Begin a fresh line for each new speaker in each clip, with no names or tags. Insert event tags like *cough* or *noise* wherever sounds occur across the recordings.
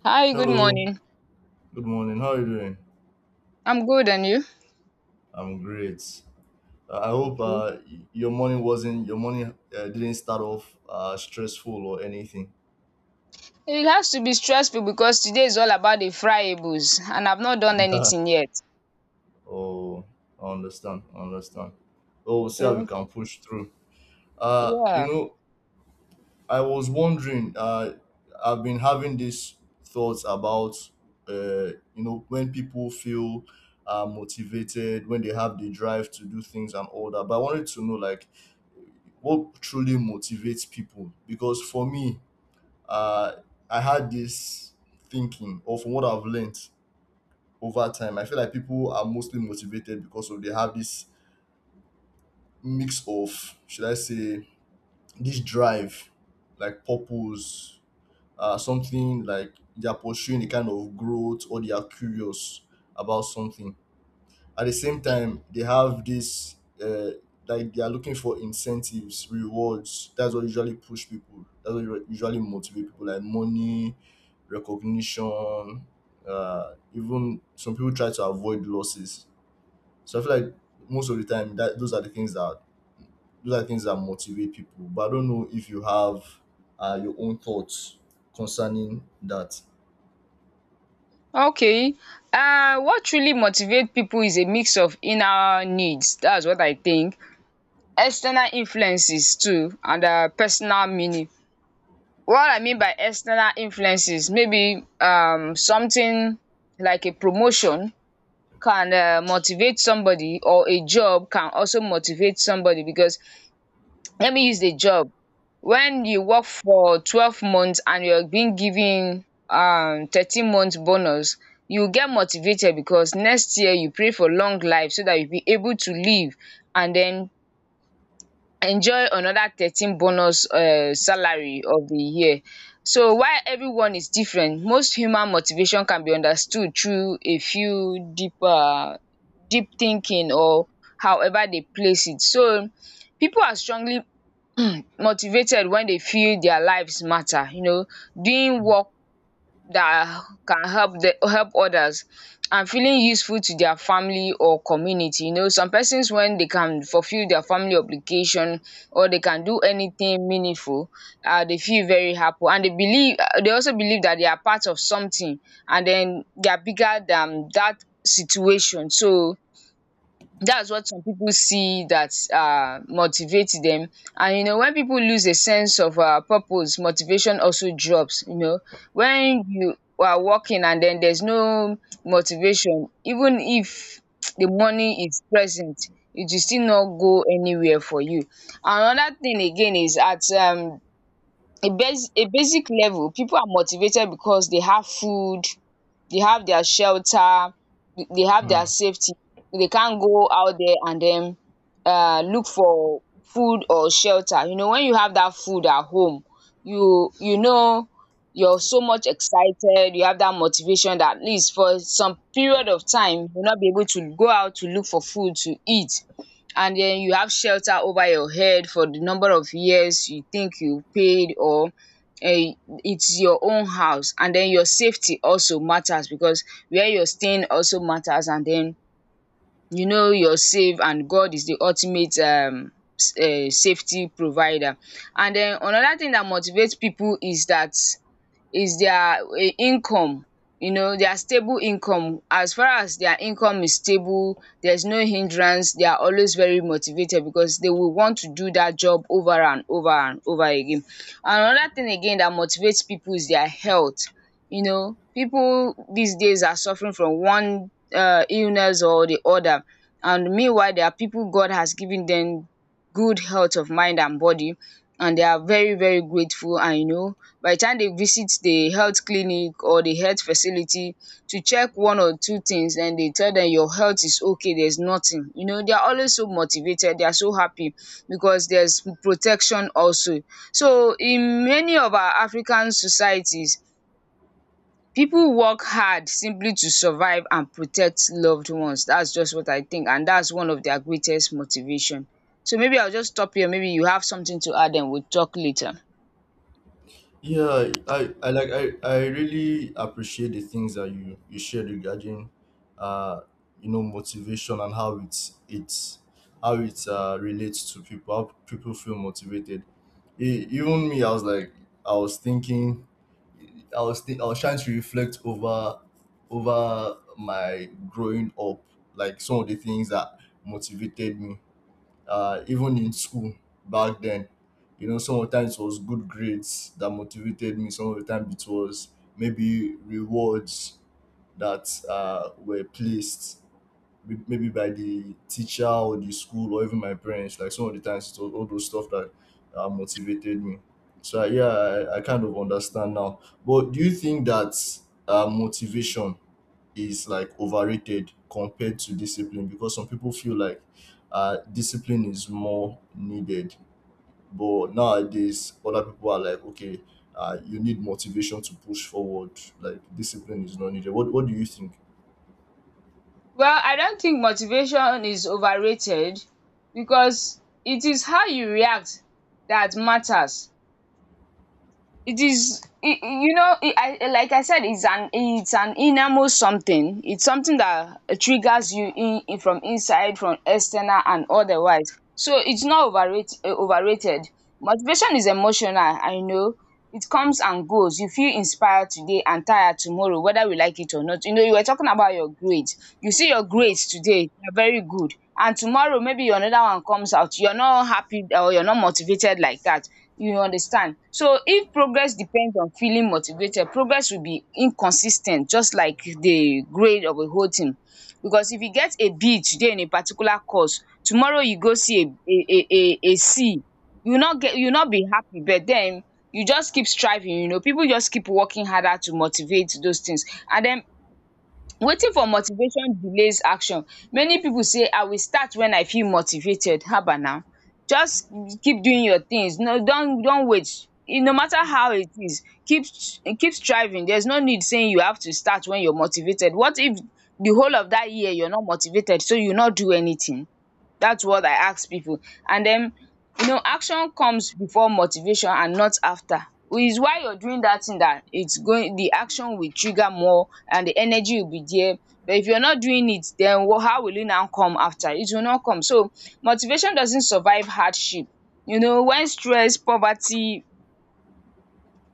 Hi, good
Hello,
morning.
good morning. How are you doing?
I'm good, and you?
I'm great. I hope
Okay.
your morning didn't start off stressful or anything.
It has to be stressful because today is all about the fryables, and I've not done anything
*laughs*
yet.
Oh, I understand. I understand. Well, we'll see how we
Mm,
can push through. Uh, you
yeah.
know, I was wondering. I've been having these thoughts about, when people feel motivated, when they have the drive to do things and all that. But I wanted to know, what truly motivates people. Because for me, uh, I had this thinking, or from what I've learned over time, I feel like people are mostly motivated because of they have this mix of, should I say, this drive, like purpose, something like they're pursuing a kind of growth, or they are curious about something. At the same time, they have this uh, like they are looking for incentives, rewards. That's what usually push people, that's what usually motivate people, like money, recognition, even some people try to avoid losses. So I feel like most of the time that those are the things that motivate people. But I don't know if you have your own thoughts concerning that.
Okay. What really motivates people is a mix of inner needs. That's what I think. External influences too, and personal meaning. What I mean by external influences, maybe something like a promotion can motivate somebody, or a job can also motivate somebody because let me use the job when you work for 12 months and you're being given 13 months bonus, you get motivated because next year you pray for long life so that you'll be able to live and then enjoy another 13 bonus salary of the year. So while everyone is different, most human motivation can be understood through a few deep deep thinking, or however they place it. So people are strongly motivated when they feel their lives matter. You know, doing work that can help the help others and feeling useful to their family or community. You know, some persons when they can fulfill their family obligation or they can do anything meaningful, they feel very happy and they also believe that they are part of something, and then they are bigger than that situation. So that's what some people see that motivate them. And you know, when people lose a sense of purpose, motivation also drops. You know, when you are working and then there's no motivation, even if *tsk* the money is present, it will still not go anywhere for you. Another thing again is at a basic level, people are motivated because they have food, they have their shelter, they have their safety. They can't go out there and then look for food or shelter. You know, when you have that food at home, you know, you're so much excited, you have that motivation that at least for some period of time you'll not be able to go out to look for food to eat. And then you have shelter over your head for the number of years you think you paid, or eh, it's your own house, and then your safety also matters because where you're staying also matters. And then you know you're safe, and God is the ultimate safety provider. And then another thing that motivates people is that is their income. You know, their stable income. As far as their income is stable, there's no hindrance, they are always very motivated because they will want to do that job over and over and over again. Another thing again that motivates people is their health. You know, people these days are suffering from one illness or the other, and meanwhile there are people God has given them good health of mind and body, and they are very very grateful. And you know, by the time they visit the health clinic or the health facility to check one or two things, then they tell them your health is okay, there's nothing. You know, they are always so motivated, they are so happy because there's protection also. So in many of our African societies, people work hard simply to survive and protect loved ones. That's just what I think, and that's one of their greatest motivation. So maybe I'll just stop here, maybe you have something to add, and we'll talk later.
Yeah, I really appreciate the things that you shared regarding uh you know motivation, and how it relates to people, how people feel motivated. Even me, I was like, I was thinking, I was trying to reflect over my growing up, like some of the things that motivated me, even in school back then. You know, sometimes it was good grades that motivated me. Sometimes it was maybe rewards that were placed, maybe by the teacher or the school or even my parents. Like some of the times, it was all those stuff that motivated me. So yeah, I kind of understand now. But do you think that motivation is like overrated compared to discipline, because some people feel like discipline is more needed. But nowadays, other people are like, okay, you need motivation to push forward. Like discipline is not needed. What do you think?
Well, I don't think motivation is overrated because it is how you react that matters. You know like I said, it's an innermost something, it's something that triggers you in from inside, from external and otherwise. So it's not overrated. Motivation is emotional, I know. It comes and goes. You feel inspired today and tired tomorrow, whether we like it or not. You know, you were talking about your grades. You see your grades today, they're very good, and tomorrow maybe another one comes out, you're not happy or you're not motivated like that. You understand? So if progress depends on feeling motivated, progress will be inconsistent, just like the grade of a whole thing. Because if you get a B today in a particular course, tomorrow you go see a C, you will not be happy. But then you just keep striving, you know. People just keep working harder to motivate those things. And then Wetin for motivation delays action? Many pipu say I will start wen I feel motivated, haba na. Just keep doing your things. No, don't wait. E no matter how it is, keep striving. There's no need sey you have to start wen you're motivated. What if the whole of dat year you're not motivated, so you no do anything? That's what I ask people. And then, you know, action comes before motivation and not after. Which is why you're doing that thing, that it's going, the action will trigger more and the energy will be there. But if you're not doing it, then how will it now come after? It will not come. So motivation doesn't survive hardship. You know, when stress, poverty,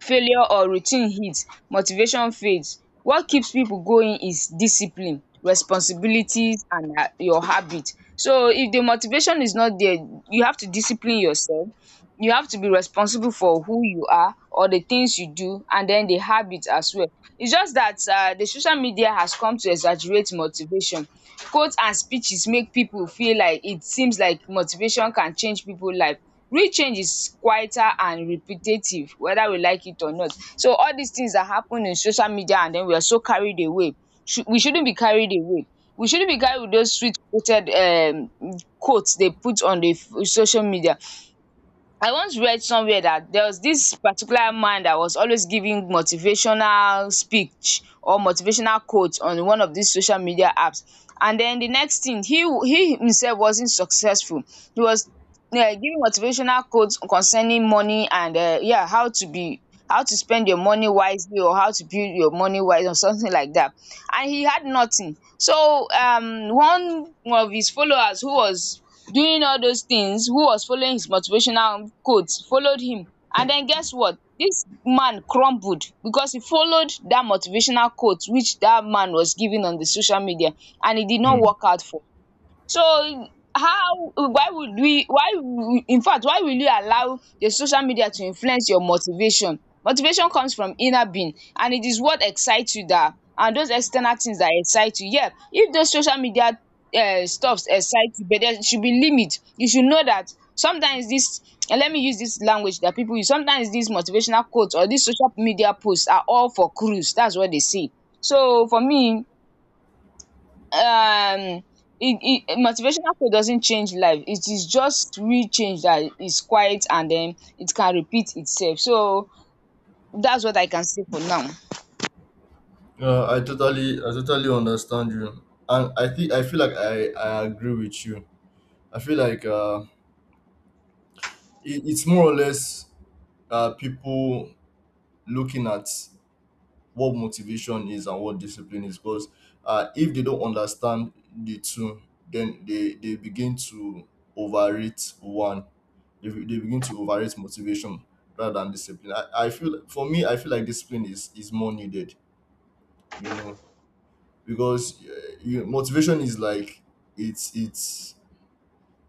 failure or routine hits, motivation fades. What keeps people going is discipline, responsibilities, and your habit. So if the motivation is not there, you have to discipline yourself, you have to be responsible for who you are or the things you do, and then the habits as well. It's just that the social media has come to exaggerate motivation. Quotes and speeches make people feel like it seems like motivation can change people's life. Real change is quieter and repetitive, whether we like it or not. So all these things that happen in social media, and then we are so carried away. We shouldn't be carried away. We shouldn't be carried with those sweet quoted quotes they put on the social media. I once read somewhere that there was this particular man that was always giving motivational speech or motivational quote on one of these social media apps, and then the next thing, he himself wasn't successful. He was giving motivational quotes concerning money and yeah, how to spend your money wisely, or how to build your money wise or something like that. And he had nothing. So one of his followers who was doing all those things, who was following his motivational quotes, followed him. And then guess what? This man crumbled because he followed that motivational quote which that man was giving on the social media, and it did not
Mm.
work out for. So how why would we why infact, why will you allow the social media to influence your motivation? Motivation comes from inner being, and it is what excites you, that and those external things that excite you. Yeah, if those social media stuffs excite you, but there should be limit. You should know that sometimes dis let me use dis language that pipu use. Sometimes dis motivational quote or dis social media post are all for cruise, dats what they say. So for me, um it, it motivation after doesn't change life. It is just real change that is quiet, and then it can repeat itself. So that's what I can say for now.
I totally understand you, and I think I feel like I agree with you. I feel like it's more or less people looking at what motivation is and what discipline is. Because if they don't understand the two, then they begin to overrate one. They begin to overrate motivation rather than discipline. I feel, for me I feel like discipline is more needed, you know. Because motivation is like, it's it's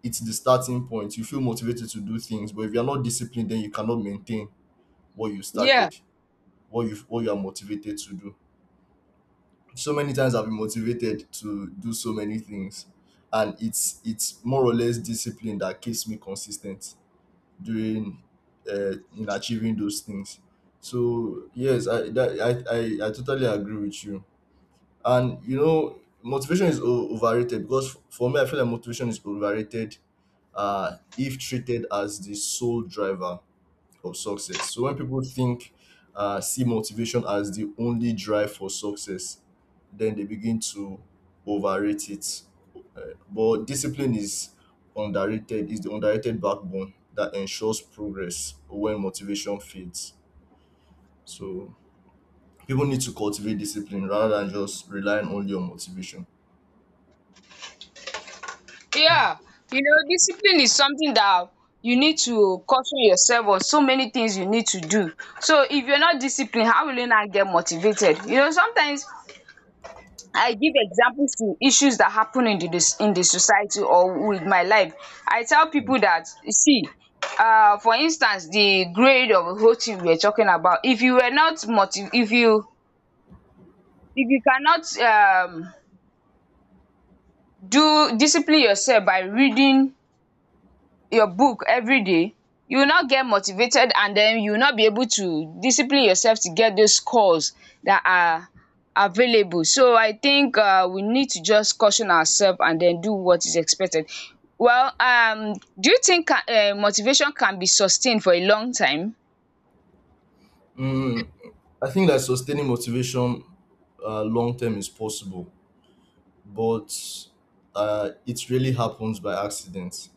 it's the starting point. You feel motivated to do things, but if you're not disciplined, then you cannot maintain what you
yeah
started, what you are motivated to do. So many times I've been motivated to do so many things, and it's more or less discipline that keeps me consistent during, in achieving those things. So yes, I that, I totally agree with you. And you know, motivation is overrated because, for me, I feel like motivation is overrated if treated as the sole driver of success. So when people think see motivation as the only drive for success, then they begin to overrate it. Uh, but discipline is underrated, is the underrated backbone that ensures progress when motivation fades. So people need to cultivate discipline rather than just relying only on motivation.
yeah, you know, discipline is something that you need to caution yourself on. So many things you need to do. So if you're not disciplined, how will you not get motivated? You know, sometimes I give examples to issues that happen in the in the society or with my life. I tell people that you see, for instance, the grade of the whole thing we are talking about. If you were not motiv- If you cannot do discipline yourself by reading your book every day, you will not get motivated, and then you will not be able to discipline yourself to get those scores that are available. So I think we need to just caution ourselves and then do what is expected. Well, do you think motivation can be sustained for a long time?
Mm, I think that sustaining motivation long term is possible, but it really happens by accident.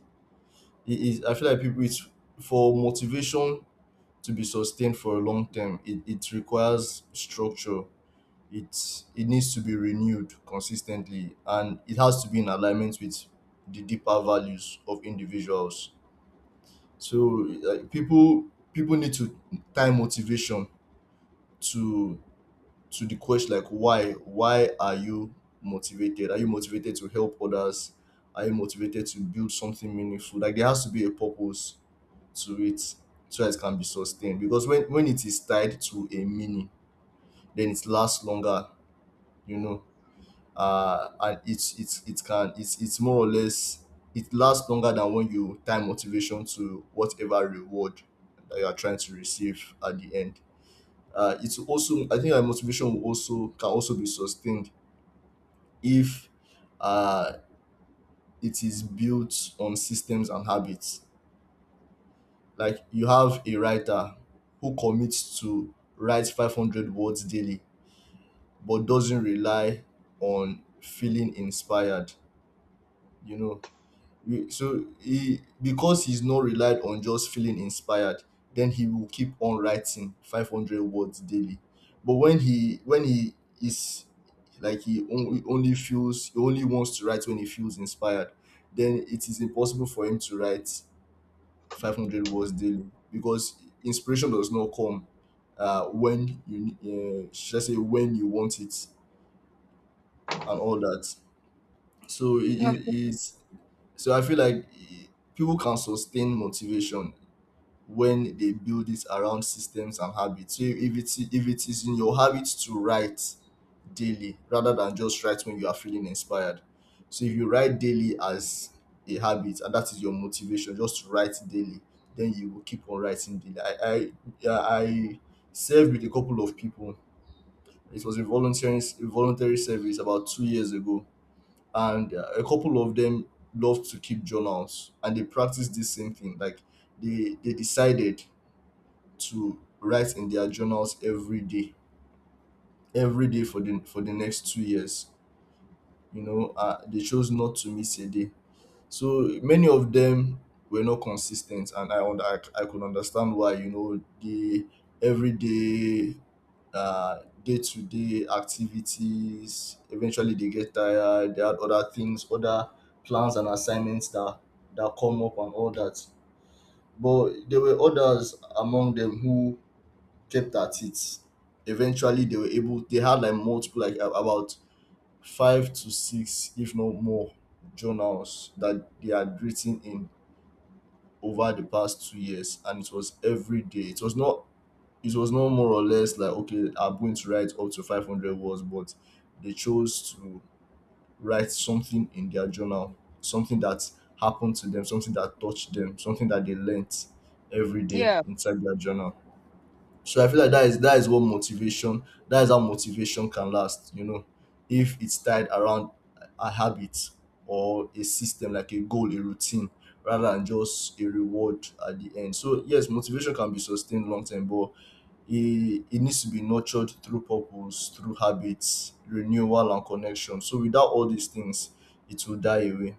I feel like people, it's for motivation to be sustained for a long term, it requires structure. It needs to be renewed consistently, and it has to be in alignment with the deeper values of individuals. So people need to tie motivation to to the question, like why are you motivated? Are you motivated to help others? Are you motivated to build something meaningful? Like there has to be a purpose to it, so that it can be sustained. Because when it is tied to a meaning, then it lasts longer, you know. And it's more or less it lasts longer than when you tie motivation to whatever reward that you are trying to receive at the end. It's also, I think our motivation will also can also be sustained if uh, it is built on systems and habits. Like you have a writer who commits to write 500 words daily but doesn't rely on feeling inspired, you know. So he, because he's not relied on just feeling inspired, then he will keep on writing 500 words daily. But when he is like he only feels, he only wants to write when he feels inspired, then it is impossible for him to write 500 words daily, because inspiration does not come should I say when you want it and all that. So it
Okay.
is So I feel like people can sustain motivation when they build it around systems and habits. So if it's if it is in your habit to write daily rather than just write when you are feeling inspired. So if you write daily as a habit, and that is your motivation, just write daily, then you will keep on writing daily. I Yeah, I served with a couple of people. It was a volunteering a voluntary service about 2 years ago, and a couple of them loved to keep journals, and they practiced this same thing. Like they decided to write in their journals every day for the next 2 years, you know. They chose not to miss a day. So many of them were not consistent, and I could understand why. You know, the everyday, uh, day to day activities. Eventually, they get tired. They had other things, other plans and assignments that come up and all that. But there were others among them who kept at it. Eventually, they were able. They had like multiple, like about five to six if not more journals that they had written in over the past 2 years, and it was every day. It was not more or less like, okay, I'm going to write up to 500 words. But they chose to write something in their journal, something that happened to them, something that touched them, something that they learnt, every day
Yeah.
inside their journal. So I feel like that is what motivation, that is how motivation can last, you know, if it's tied around a habit or a system, like a goal, a routine, rather than just a reward at the end. So yes, motivation can be sustained long term, but it needs to be nurtured through purpose, through habits, renewal and connection. So without all these things, it will die away.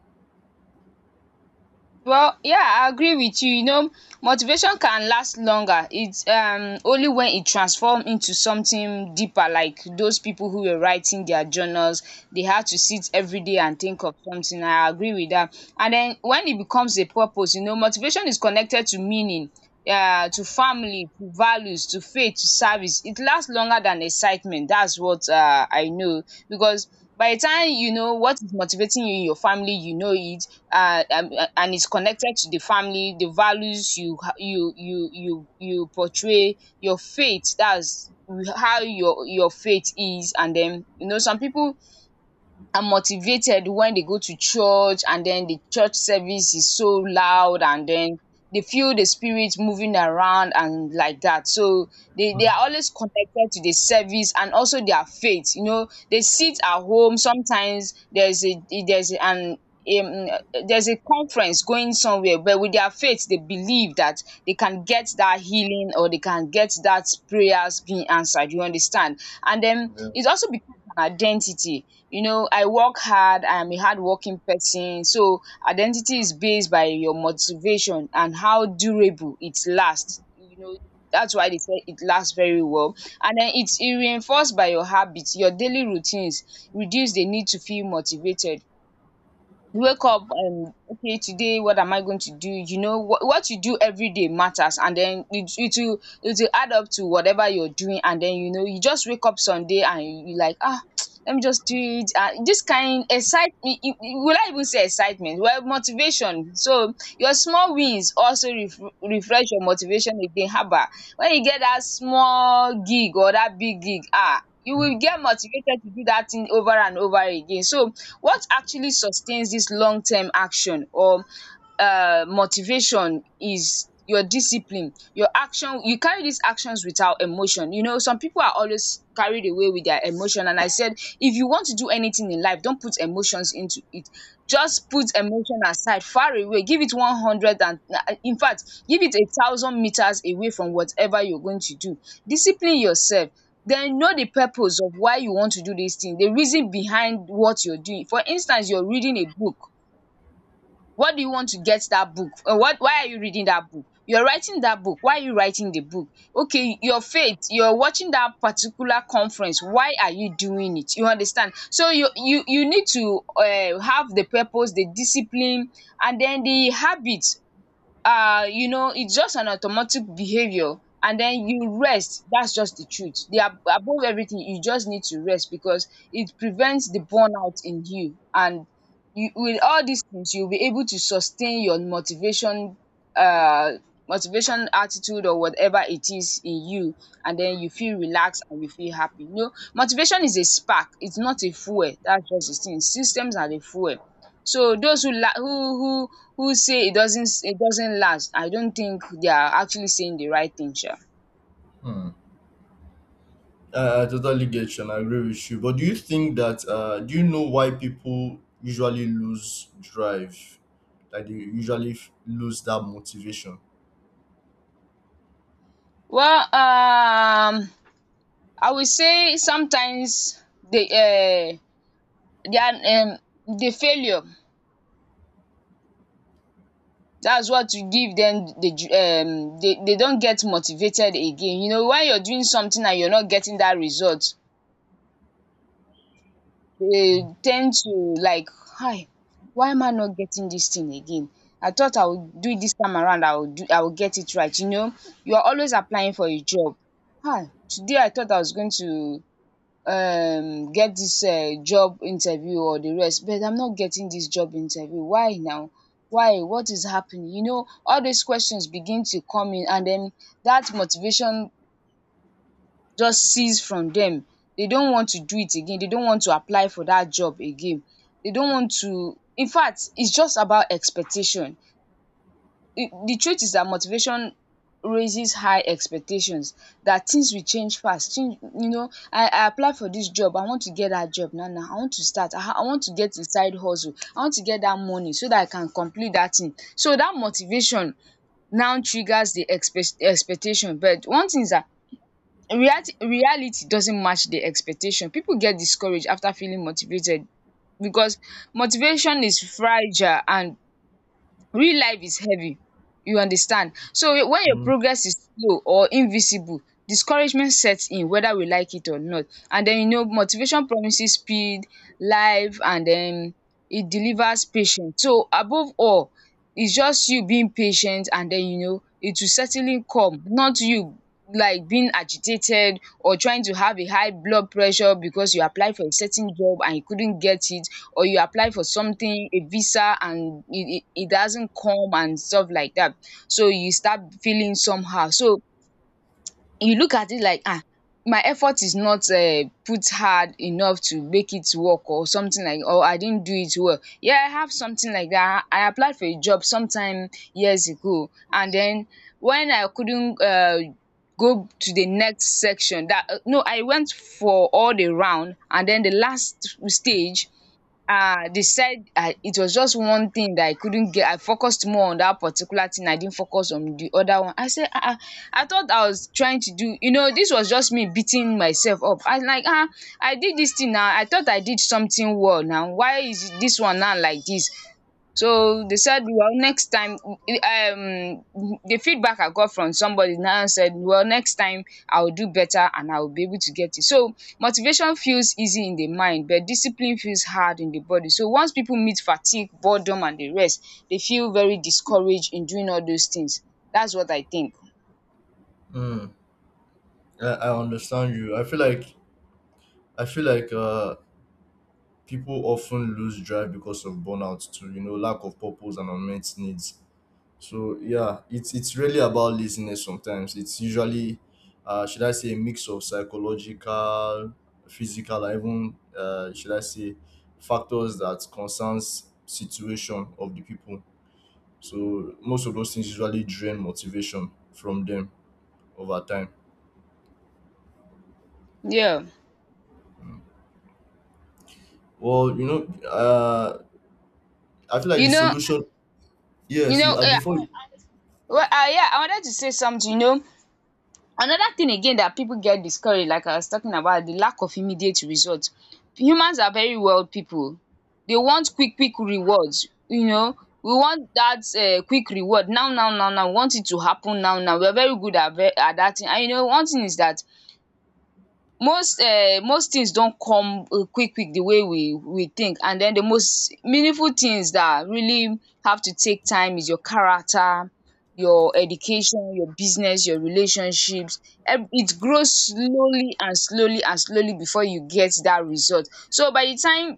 Well, yeah, I agree with you. You know, motivation can last longer. It's only when it transforms into something deeper, like those people who were writing their journals, they had to sit every day and think of something. I agree with that. And then when it becomes a purpose, you know, motivation is connected to meaning, to family, to values, to faith, to service. It lasts longer than excitement. That's what I know because by the time you know what is motivating you in your family, you know it and it's connected to the family, the values you portray, your faith. That's how your faith is. And then you know some people are motivated when they go to church, and then the church service is so loud, and then they feel the spirit moving around and like that. So they are always connected to the service and also their faith. You know, they sit at home. Sometimes there's an um there's a conference going somewhere, but with their faith they believe that they can get that healing, or they can get that prayers being answered, you understand. And then
Yeah.
it also becomes an identity. I work hard, I am a hardworking person. So identity is based by your motivation and how durable it lasts. That's why they say it lasts very well. And then it's e reinforced by your habits, your daily routines reduce the need to feel motivated. You wake up and okay, today what am I going to do? You know, what you do every day matters, and then it will add up to whatever you're doing. And then you know, you just wake up someday and you like, *tsk* let me just do it, this kind excitement. Will I even say excitement? Well, motivation. So your small wins also refresh your motivation again, haba. When you get that small gig or that big gig, ah, you will get motivated to do that thing over and over again. So what actually sustains this long term action or motivation is your discipline, your action. You carry these actions without emotion. You know, some people are always carried away with their emotion, and I said, if you want to do anything in life, don't put emotions into it. Just put emotion aside far away. Give it 100 and, in fact, give it 1,000 meters away from whatever you're going to do. Discipline yourself, then know the purpose of why you want to do this thing, the reason behind what you're doing. For instance, you're reading a book. What do you want to get that book? Or what why are you reading that book? You're writing that book. Why are you writing the book? Okay, your faith, you're watching that particular conference. Why are you doing it? You understand? So you need to have the purpose, the discipline, and then the habits. You know, it's just an automatic behavior, and then you rest. That's just the truth. The above everything, you just need to rest because it prevents the burnout in you. And you, with all these things, you'll be able to sustain your motivation, uh motivation, attitude, or whatever it is in you. And then you feel relaxed and you feel happy. You know, motivation is a spark, it's not a fuel. That's just the thing, systems are the fuel. So those who la who who say it doesn't last, I don't think they are actually saying the right thing, sha.
Hmm. I totally get you, and I agree with you. But do you think that do you know why people usually lose drive? Like they usually lose that motivation.
Well, I will say sometimes the, their, the failure, that's what will give them the they don't get motivated again. You know, when you're doing something and you're not getting that result, they tend to, like, hi, why am I not getting this thing again? I thought I would do it this time around, I will get it right, you know. You are always applying for a job. Hi, today I thought I was going to get this job interview or the rest, but I'm not getting this job interview. Why now? Why? What is happening? You know, all these questions begin to come in, and then that motivation just cease from them. They don't want to do it again. They don't want to apply for that job again. They don't want to. In fact, it's just about expectation. The truth is that motivation raises high expectations that things will change fast. Change, you know, I apply for this job. I want to get that job now. Now I want to start. I want to get a side hustle. I want to get that money so that I can complete that thing. So that motivation now triggers the expectation. But one thing is that reality doesn't match the expectation. People get discouraged after feeling motivated because motivation is fragile and real life is heavy, you understand. So when your
Mm.
progress is slow or invisible, discouragement sets in, whether we like it or not. And then you know, motivation promises speed, life and then it delivers patience. So above all, it's just you being patient, and then you know it will certainly come. Not you like being agitated or trying to have a high blood pressure because you applied for a certain job and you couldn't get it, or you apply for something, a visa, and it doesn't come and stuff like that. So you start feeling somehow. So you look at it like, my effort is not put hard enough to make it work or something like, or I didn't do it well. Yeah, I have something like that. I applied for a job sometime years ago, and then when I couldn't go to the next section, that, no, I went for all the round, and then the last stage, they said I it was just one thing that I couldn't get. I focused more on that particular thing. I didn't focus on the other one. I said, I thought I was trying to do, you know, this was just me beating myself up. I was like, I did this thing now. I thought I did something well now. Why is this one now like this? So they said, well, next time, the feedback I got from somebody now said, well, next time I'll do better and I'll be able to get it. So motivation feels easy in the mind, but discipline feels hard in the body. So once people meet fatigue, boredom, and the rest, they feel very discouraged in doing all those things. That's what I think.
Mm, I understand you. I feel like I feel like uh people often lose drive because of burnout too, you know, lack of purpose and unmet needs. So
Mm.
yeah, it's really about laziness sometimes. It's usually should I say a mix of psychological, physical, and even, should I say factors that concerns situation of the people. So most of those things usually drain motivation from them over time.
Yeah.
Well, you know, I feel like the
You know,
solution
you
Yes,
know,
before,
well, yeah, I wanted to say something. Another thing again that people get discouraged, like I was talking about, the lack of immediate results. Humans are very wild people. They want quick, quick rewards, you know. We want that, quick reward now, now, now, now. We want it to happen now, now. We're very good at, at that thing. And you know, one thing is that most things don come, eh, quick quick the way we think, and den the most meaningful things that really have to take time is your character, your education, your business, your relationships. It grows slowly and slowly and slowly before you get that result. So by the time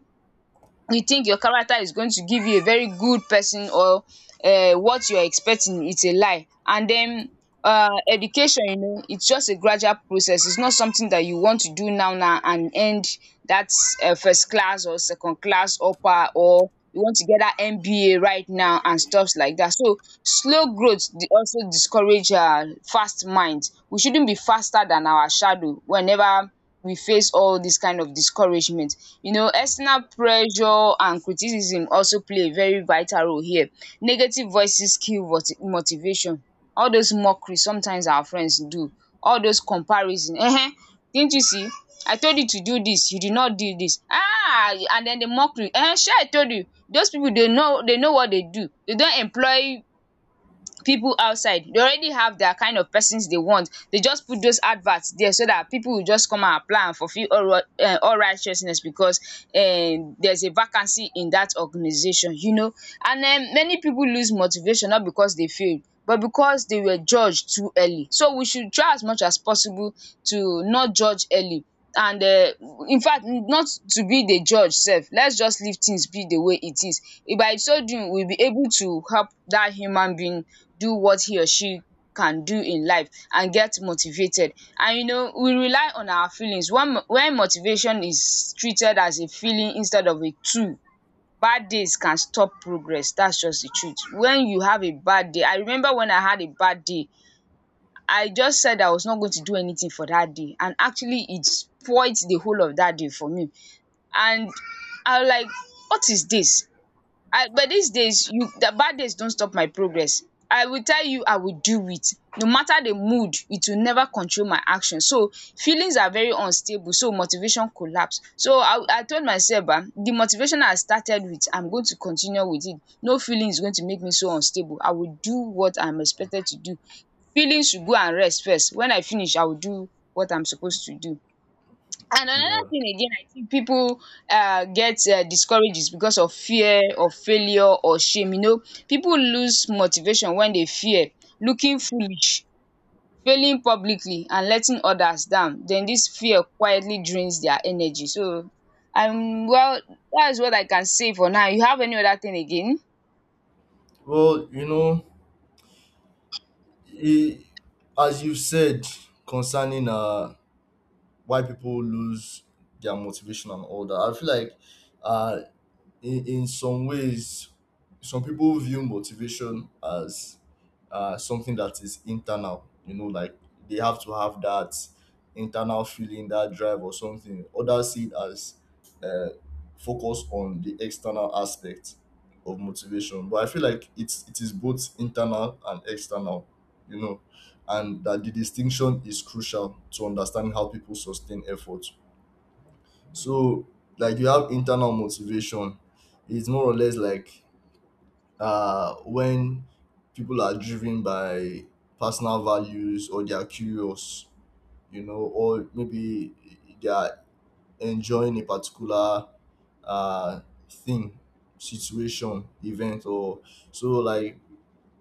you think your character is going to give you a very good person or what you are expecting, it's a lie. And den, education, you know, it's just a gradual process. It's not something that you want to do now now and end that, first class or second class upper, or you want to get that MBA right now and stuffs like that. So slow growth also discourage, fast minds. We shouldn't be faster than our shadow whenever we face all this kind of discouragement. You know, external pressure and criticism also play a very vital role here. Negative voices kill motivation, all those mockery sometimes our friends do, all those comparison, ehen, didn't you see, I told you to do this, you did not do this, ah, and then the mockery, ehen, shey, I told you. Those people, they know, they know what they do. They don't employ people outside, they already have their kind of persons they want. They just put those adverts there so that people will just come and apply and fulfill all, all righteousness, because, there's a vacancy in that organization, you know. And, many people lose motivation not because they failed, but because they were judged too early. So we should try as much as possible to not judge early, and, in fact, not to be the judge sef. Let's just leave things be the way it is. If by so doing we'll be able to help that human being do what he or she can do in life and get motivated. And you know, we rely on our feelings when when motivation is treated as a feeling instead of a tool, bad days can stop progress. That's just the truth. When you have a bad day, I remember when I had a bad day, I just said I was not going to do anything for that day. And actually, it spoiled the whole of that day for me. And I was like, what is this? I, but these days, you, the bad days don't stop my progress. I will tell you, I will do it. No matter the mood, it will never control my action. So feelings are very unstable. So motivation collapse. So I told myself, the motivation I started with, I'm going to continue with it. No feeling is going to make me so unstable. I will do what I'm expected to do. Feelings should go and rest first. When I finish, I will do what I'm supposed to do. And another
yeah.
thing again, I think people, get, discouraged is because of fear of failure or shame. You know, people lose motivation when they fear looking foolish, failing publicly, and letting others down. Then this fear quietly drains their energy. So, well, that's what I can say for now. You have any other thing again?
Well, you know, I as you said concerning why people lose their motivation and all that. I feel like uh, in some ways, some people view motivation as something that is internal. You know, like they have to have that internal feeling, that drive or something. Others see it as uh, focus on the external aspect of motivation. But I feel like it is both internal and external. You know, and that the distinction is crucial to understanding how people sustain effort. So like you have internal motivation. It's more or less like when people are driven by personal values, or they are curious, you know, or maybe they are enjoying a particular uh thing, situation, event, or so. Like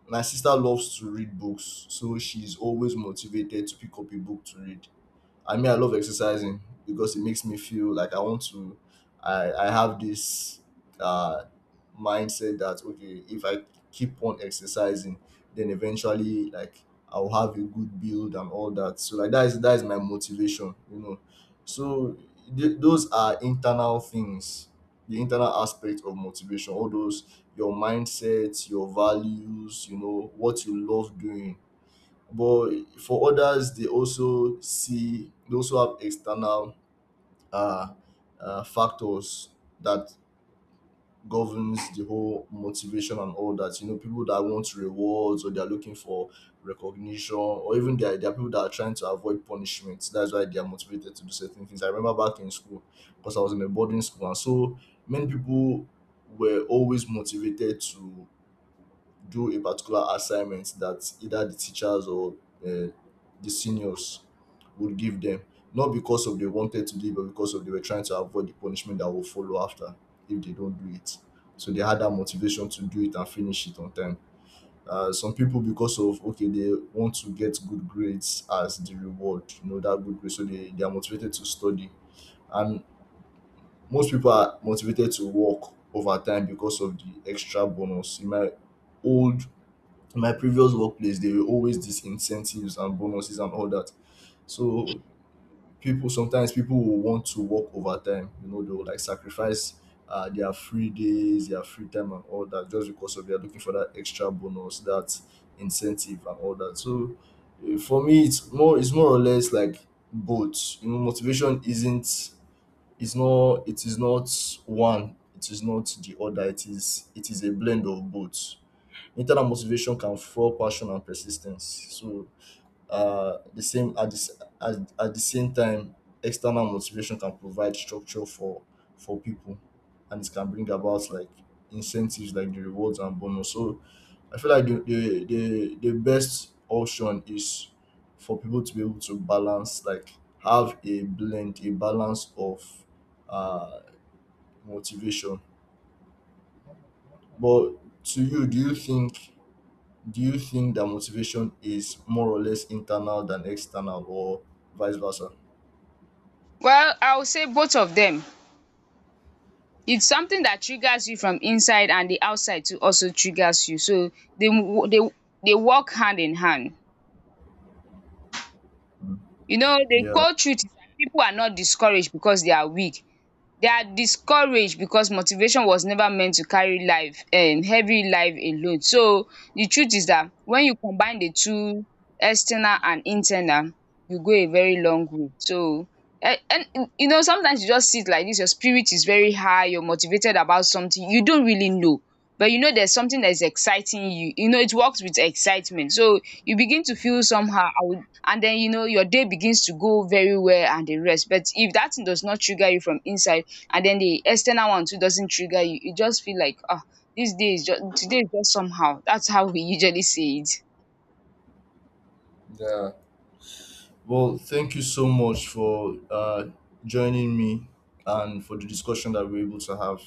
my sister loves to read books, so she's always motivated to pick up a book to read. I mean, I love exercising because it makes me feel like I want to. I have this uh, mindset that, okay, if I keep on exercising, then eventually like I'll have a good build and all that. So like that is my motivation, you know. So those are internal things, the internal aspect of motivation. All those your mindset, your values, you know what you love doing. But for others, they also have external uh, factors that governs the whole motivation and all that. You know, people that want rewards, or they're looking for recognition, or even there are people that are trying to avoid punishment. That's why they are motivated to do certain things. I remember back in school, because I was in a boarding school, and so many people were always motivated to do a particular assignment that either the teachers or uh, the seniors would give them, not because of they wanted to do it, but because of they were trying to avoid the punishment that will follow after if they don't do it. So they had that motivation to do it and finish it on time. Some people, because of okay they want to get good grades as the reward, you know that good grade, so they are motivated to study. And most people are motivated to work over time because of the extra bonus. In my old in my previous workplace there were always these incentives and bonuses and all that. So people sometimes people will want to work overtime. You know, they will like sacrifice their free days, their free time and all that, just because of they're looking for that extra bonus, that incentive and all that. So for me it's more or less like both. You know, motivation isn't it's not it is not one, it is not the other. It is it is a blend of both. Internal motivation can fuel passion and persistence. So the same at at the same time, external motivation can provide structure for people, and it can bring about like incentives, like the rewards and bonus. So I feel like the best option is for people to be able to balance, like have a blend, a balance of uh motivation. But to you, do you think, do you think that motivation is more or less internal than external, or vice versa?
Well, I will say both of them. It's something that triggers you from inside, and the outside too also triggers you. So they they they work hand in hand. You know, the
Yeah.
cold truth is that people are not discouraged because they are weak. They are discouraged because motivation was never meant to carry life heavy life alone. So the truth is that when you combine the two, external and internal, you go a very long way. So, and you know, sometimes you just sit like this, your spirit is very high, you're motivated about something you don't really know, but you know there's something that is exciting you. You know it works with excitement, so you begin to feel somehow I would, and then you know your day begins to go very well and the rest. But if that thing does not trigger you from inside, and then the external one too doesn't trigger you just feel like, this day is just, today is just somehow. That's how we usually see it.
Yeah. Well, thank you so much for joining me and for the discussion that we're able to have.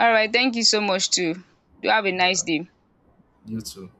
All right, thank you so much too. Do have a nice
Yeah,
day.
you too.